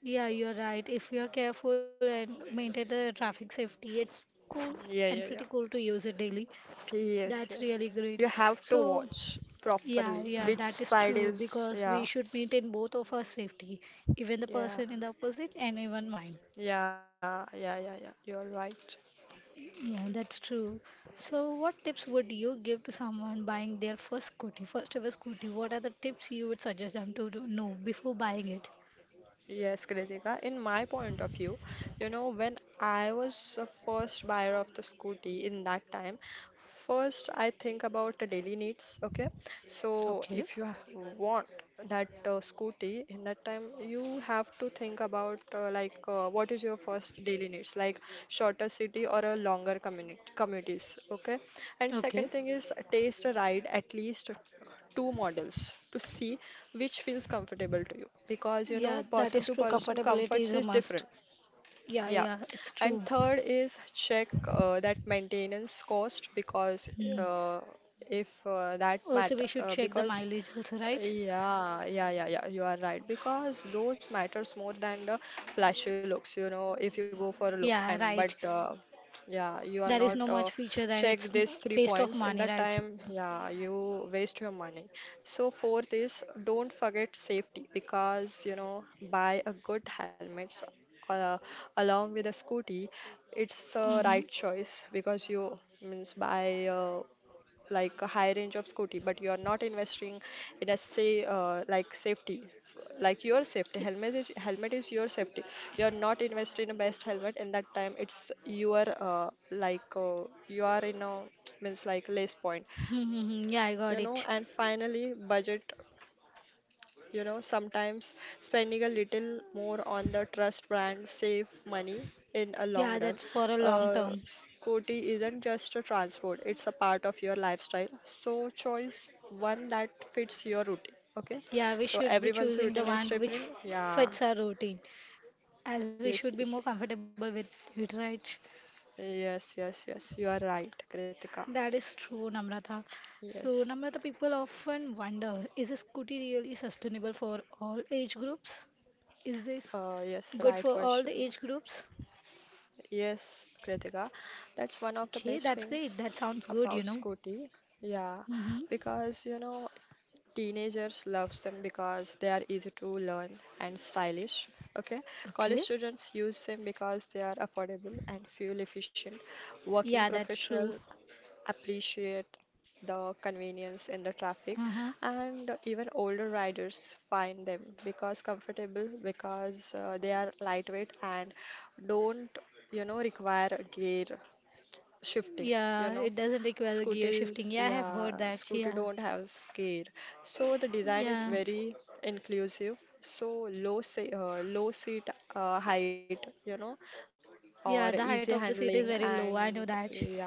Speaker 2: Yeah, you're right. If you're careful and maintain the traffic safety, it's cool
Speaker 1: Yeah,
Speaker 2: and
Speaker 1: yeah, yeah.
Speaker 2: pretty cool to use it daily.
Speaker 1: Yes,
Speaker 2: That's
Speaker 1: yes.
Speaker 2: really
Speaker 1: You
Speaker 2: great.
Speaker 1: have to
Speaker 2: So,
Speaker 1: watch properly
Speaker 2: yeah, yeah,
Speaker 1: which
Speaker 2: that is
Speaker 1: side
Speaker 2: true
Speaker 1: is,
Speaker 2: because we
Speaker 1: yeah,
Speaker 2: should maintain both of our safety, even the
Speaker 1: yeah,
Speaker 2: person in the opposite and even mine.
Speaker 1: yeah you're right.
Speaker 2: Yeah, that's true. So, what tips would you give to someone buying their first scooty, first ever scooty? What are the tips you would suggest them to do, know before buying it?
Speaker 1: Yes, Kritika. In my point of view, you know, when I was a first buyer of the scooty in that time, first I think about the daily needs. Okay, so
Speaker 2: Okay,
Speaker 1: if you want that scooty in that time, you have to think about what is your first daily needs, like shorter city or a longer commute communities. Okay, and
Speaker 2: okay.
Speaker 1: second thing is taste a ride at least two models to see which feels comfortable to you, because you
Speaker 2: Yeah,
Speaker 1: know
Speaker 2: that
Speaker 1: person
Speaker 2: is
Speaker 1: to
Speaker 2: true.
Speaker 1: person
Speaker 2: Comfortability is
Speaker 1: comforts
Speaker 2: a
Speaker 1: is
Speaker 2: must.
Speaker 1: different.
Speaker 2: Yeah,
Speaker 1: Yeah,
Speaker 2: yeah, it's
Speaker 1: and
Speaker 2: true.
Speaker 1: third is check that maintenance cost, because
Speaker 2: Hmm.
Speaker 1: uh, if that
Speaker 2: Also,
Speaker 1: matter
Speaker 2: we should check the
Speaker 1: because
Speaker 2: mileage also, right?
Speaker 1: yeah, yeah, yeah, yeah, you are right, because those matters more than the flashy looks. You know, if you go for a
Speaker 2: Yeah,
Speaker 1: look and
Speaker 2: right.
Speaker 1: but yeah, you
Speaker 2: There
Speaker 1: are
Speaker 2: is no
Speaker 1: not
Speaker 2: much feature and it's n-
Speaker 1: check these
Speaker 2: waste
Speaker 1: three
Speaker 2: of
Speaker 1: points
Speaker 2: money,
Speaker 1: in
Speaker 2: right?
Speaker 1: that time. Yeah, you waste your money. So fourth is don't forget safety, because you know buy a good helmet uh, along with a scooty. It's
Speaker 2: Mm-hmm.
Speaker 1: a right choice, because you means buy a like a high range of scooty but you are not investing in a say like safety f- like your safety helmet is your safety. You are not investing in a best helmet in that time, it's you are you are in a means like less point,
Speaker 2: Mm-hmm. Mm-hmm. Yeah, I got
Speaker 1: you know.
Speaker 2: it.
Speaker 1: And finally budget, you know, sometimes spending a little more on the trust brand save money in a long
Speaker 2: Yeah,
Speaker 1: run.
Speaker 2: that's for a long term.
Speaker 1: Scooty isn't just a transport, it's a part of your lifestyle. So choose one that fits your routine. Okay.
Speaker 2: Yeah, we
Speaker 1: So
Speaker 2: should be
Speaker 1: everyone's
Speaker 2: choosing the
Speaker 1: routine is
Speaker 2: one which
Speaker 1: different. Yeah.
Speaker 2: fits our routine, as we
Speaker 1: Yes,
Speaker 2: should be
Speaker 1: yes. Yeah.
Speaker 2: more comfortable with it, right?
Speaker 1: Yes, yes, yes. You are right, Kritika.
Speaker 2: That is true, Namrata. So,
Speaker 1: Yes.
Speaker 2: Namrata, people often wonder, is a scooty really sustainable for all age groups? Is this
Speaker 1: Yes, right
Speaker 2: good for
Speaker 1: question.
Speaker 2: all the age groups?
Speaker 1: Yes, Kritika, that's one of the best
Speaker 2: Okay, that's
Speaker 1: things
Speaker 2: great. That sounds
Speaker 1: about
Speaker 2: good,
Speaker 1: Scooty. Yeah,
Speaker 2: Mm-hmm.
Speaker 1: because you know teenagers loves them, because they are easy to learn and stylish. Okay, college
Speaker 2: Okay.
Speaker 1: students use them because they are affordable and fuel efficient. Working
Speaker 2: Yeah, that's true.
Speaker 1: professional appreciate the convenience in the traffic,
Speaker 2: Uh-huh.
Speaker 1: and even older riders find them because comfortable, because they are lightweight and don't, you know, require gear shifting. You
Speaker 2: Yeah,
Speaker 1: know,
Speaker 2: it doesn't require the gear shifting. Yeah, I have heard that.
Speaker 1: scooter
Speaker 2: Yeah.
Speaker 1: don't have gear, so the design is
Speaker 2: Yeah.
Speaker 1: very inclusive, so low seat height, you know, or
Speaker 2: Yeah,
Speaker 1: easy
Speaker 2: the height of the
Speaker 1: handling,
Speaker 2: seat is very
Speaker 1: and
Speaker 2: low. I know that.
Speaker 1: yeah,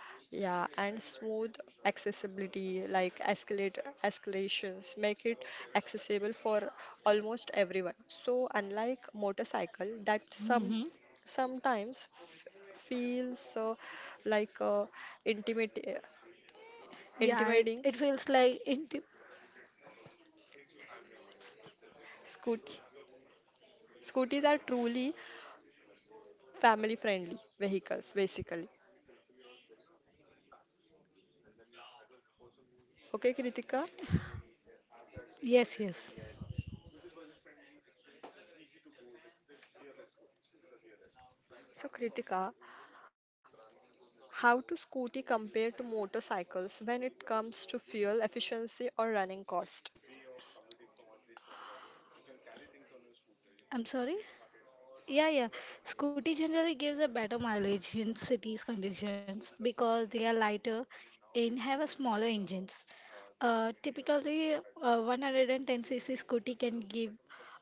Speaker 1: yeah, and smooth accessibility like escalate escalations make it accessible for almost everyone. So unlike motorcycle that some
Speaker 2: Mm-hmm.
Speaker 1: sometimes feels like intimate
Speaker 2: Yeah,
Speaker 1: intimidating,
Speaker 2: it feels like inti-
Speaker 1: scoot scooties are truly family friendly vehicles basically, okay, Kritika?
Speaker 2: Yes, yes.
Speaker 1: So Kritika, how to scooty compare to motorcycles when it comes to fuel efficiency or running cost?
Speaker 2: I'm sorry. Yeah, yeah. Scooty generally gives a better mileage in cities conditions because they are lighter and have a smaller engines. Typically, 110cc scooty can give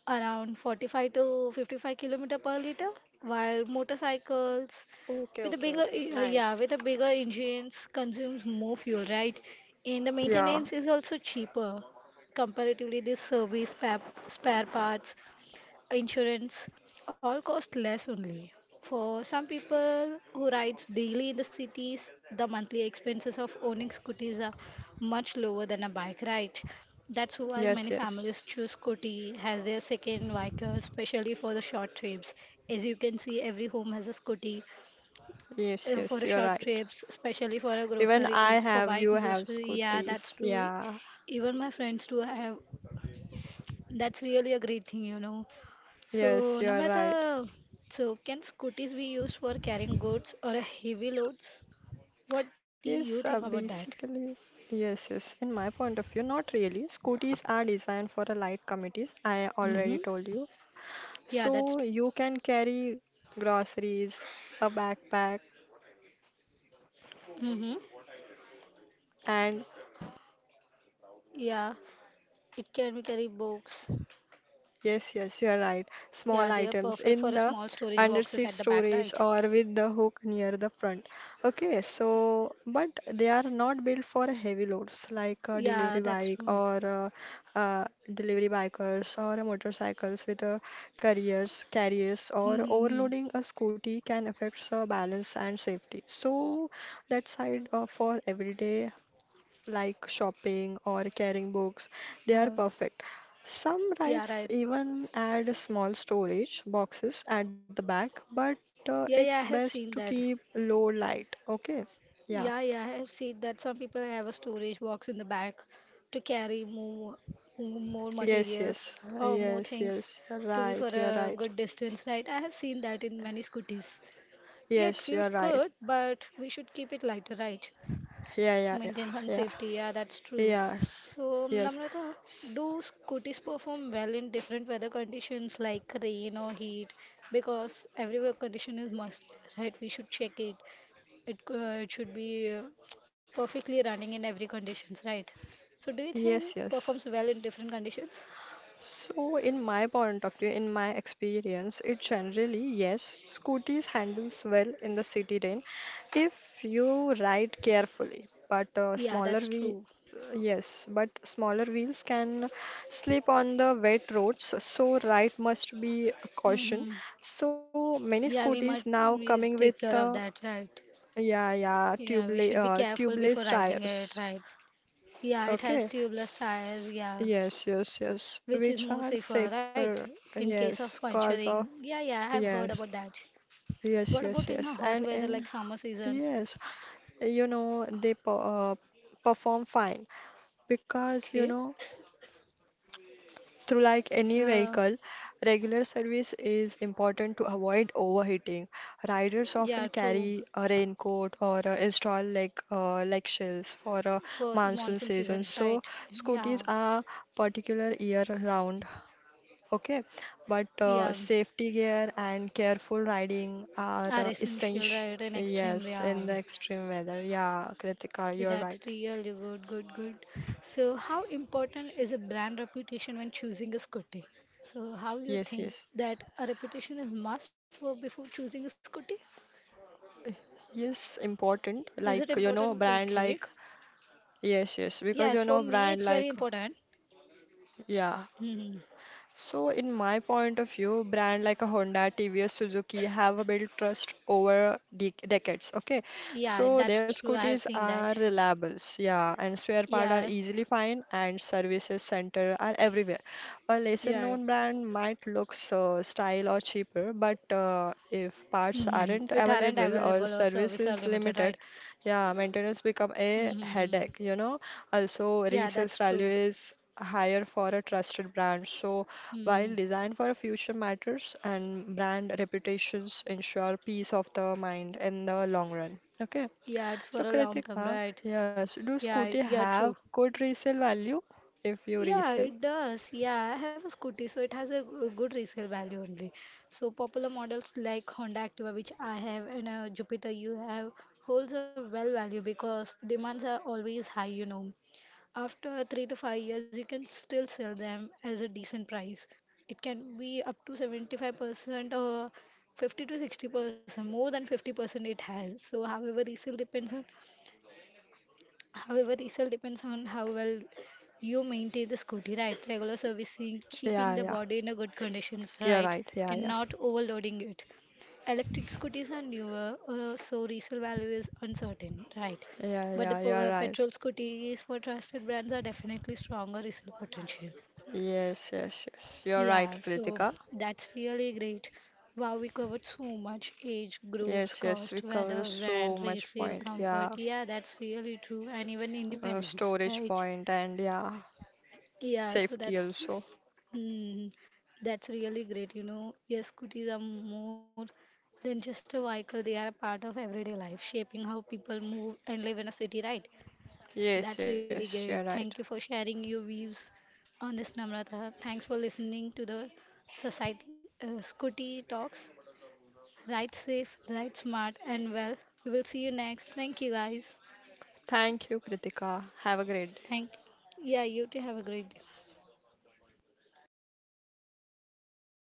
Speaker 2: around 45 to 55 kilometer per liter, while motorcycles
Speaker 1: Okay,
Speaker 2: with
Speaker 1: okay,
Speaker 2: a
Speaker 1: okay. Nice.
Speaker 2: yeah, with a bigger engines consumes more fuel, right? And the
Speaker 1: Yeah,
Speaker 2: maintenance is also cheaper comparatively. This spare parts insurance all cost less only. For some people who rides daily in the cities, the monthly expenses of owning scooters are much lower than a bike ride. That's why
Speaker 1: yes,
Speaker 2: many families
Speaker 1: yes,
Speaker 2: choose scooty as their second vehicle, especially for the short trips. As you can see, every home has a scooty
Speaker 1: yes, yes,
Speaker 2: for a
Speaker 1: you're
Speaker 2: short
Speaker 1: right.
Speaker 2: trips, especially for a
Speaker 1: Even
Speaker 2: groceries,
Speaker 1: I
Speaker 2: for
Speaker 1: have, you
Speaker 2: buying
Speaker 1: have
Speaker 2: groceries. Yeah, that's
Speaker 1: scooties.
Speaker 2: true.
Speaker 1: Yeah,
Speaker 2: Even my friends too have. That's really a great thing,
Speaker 1: yes,
Speaker 2: So,
Speaker 1: you're right.
Speaker 2: Namrata, so can scooters be used for carrying goods or heavy loads? What do you
Speaker 1: Yes,
Speaker 2: think about that?
Speaker 1: basically, yes, yes. In my point of view, not really. Scooties are designed for the light committees, I
Speaker 2: Mm-hmm.
Speaker 1: already told you.
Speaker 2: Yeah, that's
Speaker 1: So
Speaker 2: true.
Speaker 1: you can carry groceries, a backpack,
Speaker 2: Mm-hmm.
Speaker 1: and
Speaker 2: Yeah, it can be carry books.
Speaker 1: yes, yes, you are right. Small
Speaker 2: Yeah, they are
Speaker 1: items
Speaker 2: perfect
Speaker 1: in
Speaker 2: for a
Speaker 1: the
Speaker 2: small storage boxes
Speaker 1: underseat
Speaker 2: at the back,
Speaker 1: storage,
Speaker 2: right?
Speaker 1: or with the hook near the front. Okay, so but they are not built for heavy loads, like a delivery
Speaker 2: Yeah, that's
Speaker 1: bike
Speaker 2: true.
Speaker 1: or uh, uh, delivery bikers, or a motorcycles with a carriers, or
Speaker 2: Mm-hmm.
Speaker 1: overloading a scooty can affect balance and safety. So that side, for everyday like shopping or carrying books, they are
Speaker 2: Yeah,
Speaker 1: perfect. Some
Speaker 2: yeah,
Speaker 1: rides
Speaker 2: right.
Speaker 1: even add small storage boxes at the back, but
Speaker 2: Yeah, yeah,
Speaker 1: it's
Speaker 2: I have
Speaker 1: best
Speaker 2: seen
Speaker 1: to
Speaker 2: that.
Speaker 1: keep low light. Okay? Yeah.
Speaker 2: Yeah, yeah, I've seen that some people have a storage box in the back to carry more, more
Speaker 1: Yes,
Speaker 2: materials
Speaker 1: yes.
Speaker 2: or more
Speaker 1: Yes,
Speaker 2: things
Speaker 1: yes. You're
Speaker 2: to be
Speaker 1: right.
Speaker 2: for
Speaker 1: You're
Speaker 2: a
Speaker 1: right.
Speaker 2: good distance, right? I have seen that in many scooters. Yeah, it
Speaker 1: Yes, you're
Speaker 2: feels
Speaker 1: right.
Speaker 2: good, but we should keep it lighter, right?
Speaker 1: Yeah,
Speaker 2: To
Speaker 1: yeah, yeah,
Speaker 2: maintain some
Speaker 1: yeah.
Speaker 2: safety. Yeah, that's true.
Speaker 1: Yes,
Speaker 2: So,
Speaker 1: yes.
Speaker 2: Namrata,
Speaker 1: S-
Speaker 2: do scooters perform well in different weather conditions like rain or heat? Because every weather condition is must, right? We should check it. It, it should be perfectly running in every conditions, right? So do you think
Speaker 1: Yes, yes.
Speaker 2: performs well in different conditions?
Speaker 1: So, in my point of view, in my experience, it generally, yes, scooties handles well in the city rain if you ride carefully. But
Speaker 2: Yeah, that's true.
Speaker 1: yes, but smaller wheels can slip on the wet roads, so ride must be caution.
Speaker 2: Mm-hmm.
Speaker 1: So
Speaker 2: Yeah,
Speaker 1: many scooties now
Speaker 2: we take
Speaker 1: coming
Speaker 2: care
Speaker 1: with
Speaker 2: of that, right? Yeah, we should be careful before
Speaker 1: tubeless
Speaker 2: riding it,
Speaker 1: tires.
Speaker 2: right? Yeah, it has
Speaker 1: Okay.
Speaker 2: tubeless tires, yeah,
Speaker 1: Yes, yes, yes.
Speaker 2: which is
Speaker 1: Which
Speaker 2: more
Speaker 1: are
Speaker 2: safer, right?
Speaker 1: safer.
Speaker 2: In case of
Speaker 1: Yes, cause of.
Speaker 2: puncturing. Yeah, yeah, I have heard
Speaker 1: Yes,
Speaker 2: about that.
Speaker 1: yes,
Speaker 2: What
Speaker 1: yes,
Speaker 2: about in a
Speaker 1: yes.
Speaker 2: hot
Speaker 1: And
Speaker 2: weather
Speaker 1: in.
Speaker 2: like summer seasons?
Speaker 1: Yes, you know, they perform fine because, you
Speaker 2: Okay.
Speaker 1: know, through like any
Speaker 2: Uh,
Speaker 1: vehicle, regular service is important to avoid overheating. Riders often
Speaker 2: yeah, true.
Speaker 1: carry a raincoat or install like shells for a
Speaker 2: For
Speaker 1: monsoon
Speaker 2: monsoon
Speaker 1: season.
Speaker 2: seasons,
Speaker 1: So
Speaker 2: right?
Speaker 1: scooties
Speaker 2: Yeah,
Speaker 1: are particular year round. Okay, but
Speaker 2: yeah,
Speaker 1: safety gear and careful riding are
Speaker 2: are essential,
Speaker 1: essential.
Speaker 2: right? And extreme,
Speaker 1: Yes,
Speaker 2: yeah.
Speaker 1: in the extreme weather. Yeah, Kritika,
Speaker 2: Okay,
Speaker 1: you're
Speaker 2: that's
Speaker 1: right.
Speaker 2: really good, good, good. So, how important is a brand reputation when choosing a scooty? So, how you
Speaker 1: Yes,
Speaker 2: think
Speaker 1: yes.
Speaker 2: that a reputation is must for before choosing a scooty?
Speaker 1: Yes, important.
Speaker 2: Is it
Speaker 1: Like, you know,
Speaker 2: important?
Speaker 1: brand
Speaker 2: Okay.
Speaker 1: like yes, yes, because
Speaker 2: Yes,
Speaker 1: you
Speaker 2: for
Speaker 1: know
Speaker 2: me,
Speaker 1: brand
Speaker 2: it's very
Speaker 1: like
Speaker 2: important.
Speaker 1: yeah,
Speaker 2: Hmm.
Speaker 1: so, in my point of view, brand like a Honda, TVS, Suzuki have built trust over de decades. Okay,
Speaker 2: Yeah,
Speaker 1: so
Speaker 2: that's
Speaker 1: their
Speaker 2: true. I have
Speaker 1: scooters
Speaker 2: seen
Speaker 1: are
Speaker 2: that.
Speaker 1: reliable, yeah, and spare part are
Speaker 2: Yeah,
Speaker 1: easily find, and services center are everywhere. A lesser
Speaker 2: yeah.
Speaker 1: known brand might look so style or cheaper, but if parts
Speaker 2: Hmm.
Speaker 1: aren't
Speaker 2: It aren't
Speaker 1: available or
Speaker 2: available or
Speaker 1: service
Speaker 2: service are
Speaker 1: is
Speaker 2: limited,
Speaker 1: limited,
Speaker 2: right?
Speaker 1: yeah, maintenance become a
Speaker 2: Mm-hmm.
Speaker 1: headache. You know, also
Speaker 2: Yeah,
Speaker 1: resales
Speaker 2: that's
Speaker 1: value
Speaker 2: true.
Speaker 1: is higher for a trusted brand. So
Speaker 2: Hmm.
Speaker 1: while design for a future matters, and brand reputations ensure peace of the mind in the long run. Okay.
Speaker 2: Yeah, it's for a
Speaker 1: So
Speaker 2: long term,
Speaker 1: Kritika,
Speaker 2: right?
Speaker 1: yes, do scooty
Speaker 2: Yeah, true.
Speaker 1: have good resale value if you
Speaker 2: Yeah, it
Speaker 1: resell?
Speaker 2: does. Yeah, I have a scooty, so it has a g- good resale value only. So popular models like Honda Activa, which I have, and Jupiter you have, holds a well value because demands are always high, After 3 to 5 years, you can still sell them as a decent price. It can be up to 75% or 50 to 60%, more than 50% it has. So, however, resale depends on However, result depends on how well you maintain the scooty, right? Regular servicing,
Speaker 1: Yeah,
Speaker 2: keeping the
Speaker 1: yeah.
Speaker 2: body in a good conditions,
Speaker 1: You're
Speaker 2: right?
Speaker 1: right. Yeah,
Speaker 2: And
Speaker 1: yeah.
Speaker 2: not overloading it. Electric scooters are newer, so resale value is uncertain, right?
Speaker 1: Yeah,
Speaker 2: But
Speaker 1: yeah,
Speaker 2: the
Speaker 1: you're right.
Speaker 2: petrol scooters for trusted brands are definitely stronger resale potential.
Speaker 1: Yes, yes, yes. You're right,
Speaker 2: Yeah, so
Speaker 1: Kritika.
Speaker 2: that's really great. Wow, we covered so much age groups,
Speaker 1: Yes, yes, we
Speaker 2: cost,
Speaker 1: cover
Speaker 2: weathers,
Speaker 1: so
Speaker 2: brand,
Speaker 1: much
Speaker 2: resale,
Speaker 1: point. Yeah,
Speaker 2: comfort. Yeah, that's really true. And even independence,
Speaker 1: storage
Speaker 2: right?
Speaker 1: point and yeah,
Speaker 2: Yeah, so
Speaker 1: safety
Speaker 2: that's
Speaker 1: also.
Speaker 2: hmm, that's really great. Yes, scooters are more than just a vehicle, they are a part of everyday life, shaping how people move and live in a city, right? That's
Speaker 1: Yes,
Speaker 2: really
Speaker 1: yes, you're
Speaker 2: great.
Speaker 1: right.
Speaker 2: Thank you for sharing your views on this, Namrata. Thanks for listening to the Society Scooty Talks. Ride safe, ride smart, and well. We will see you next. Thank you, guys.
Speaker 1: Thank you, Kritika. Have a great day.
Speaker 2: Thank. Yeah, you too. Have a great day.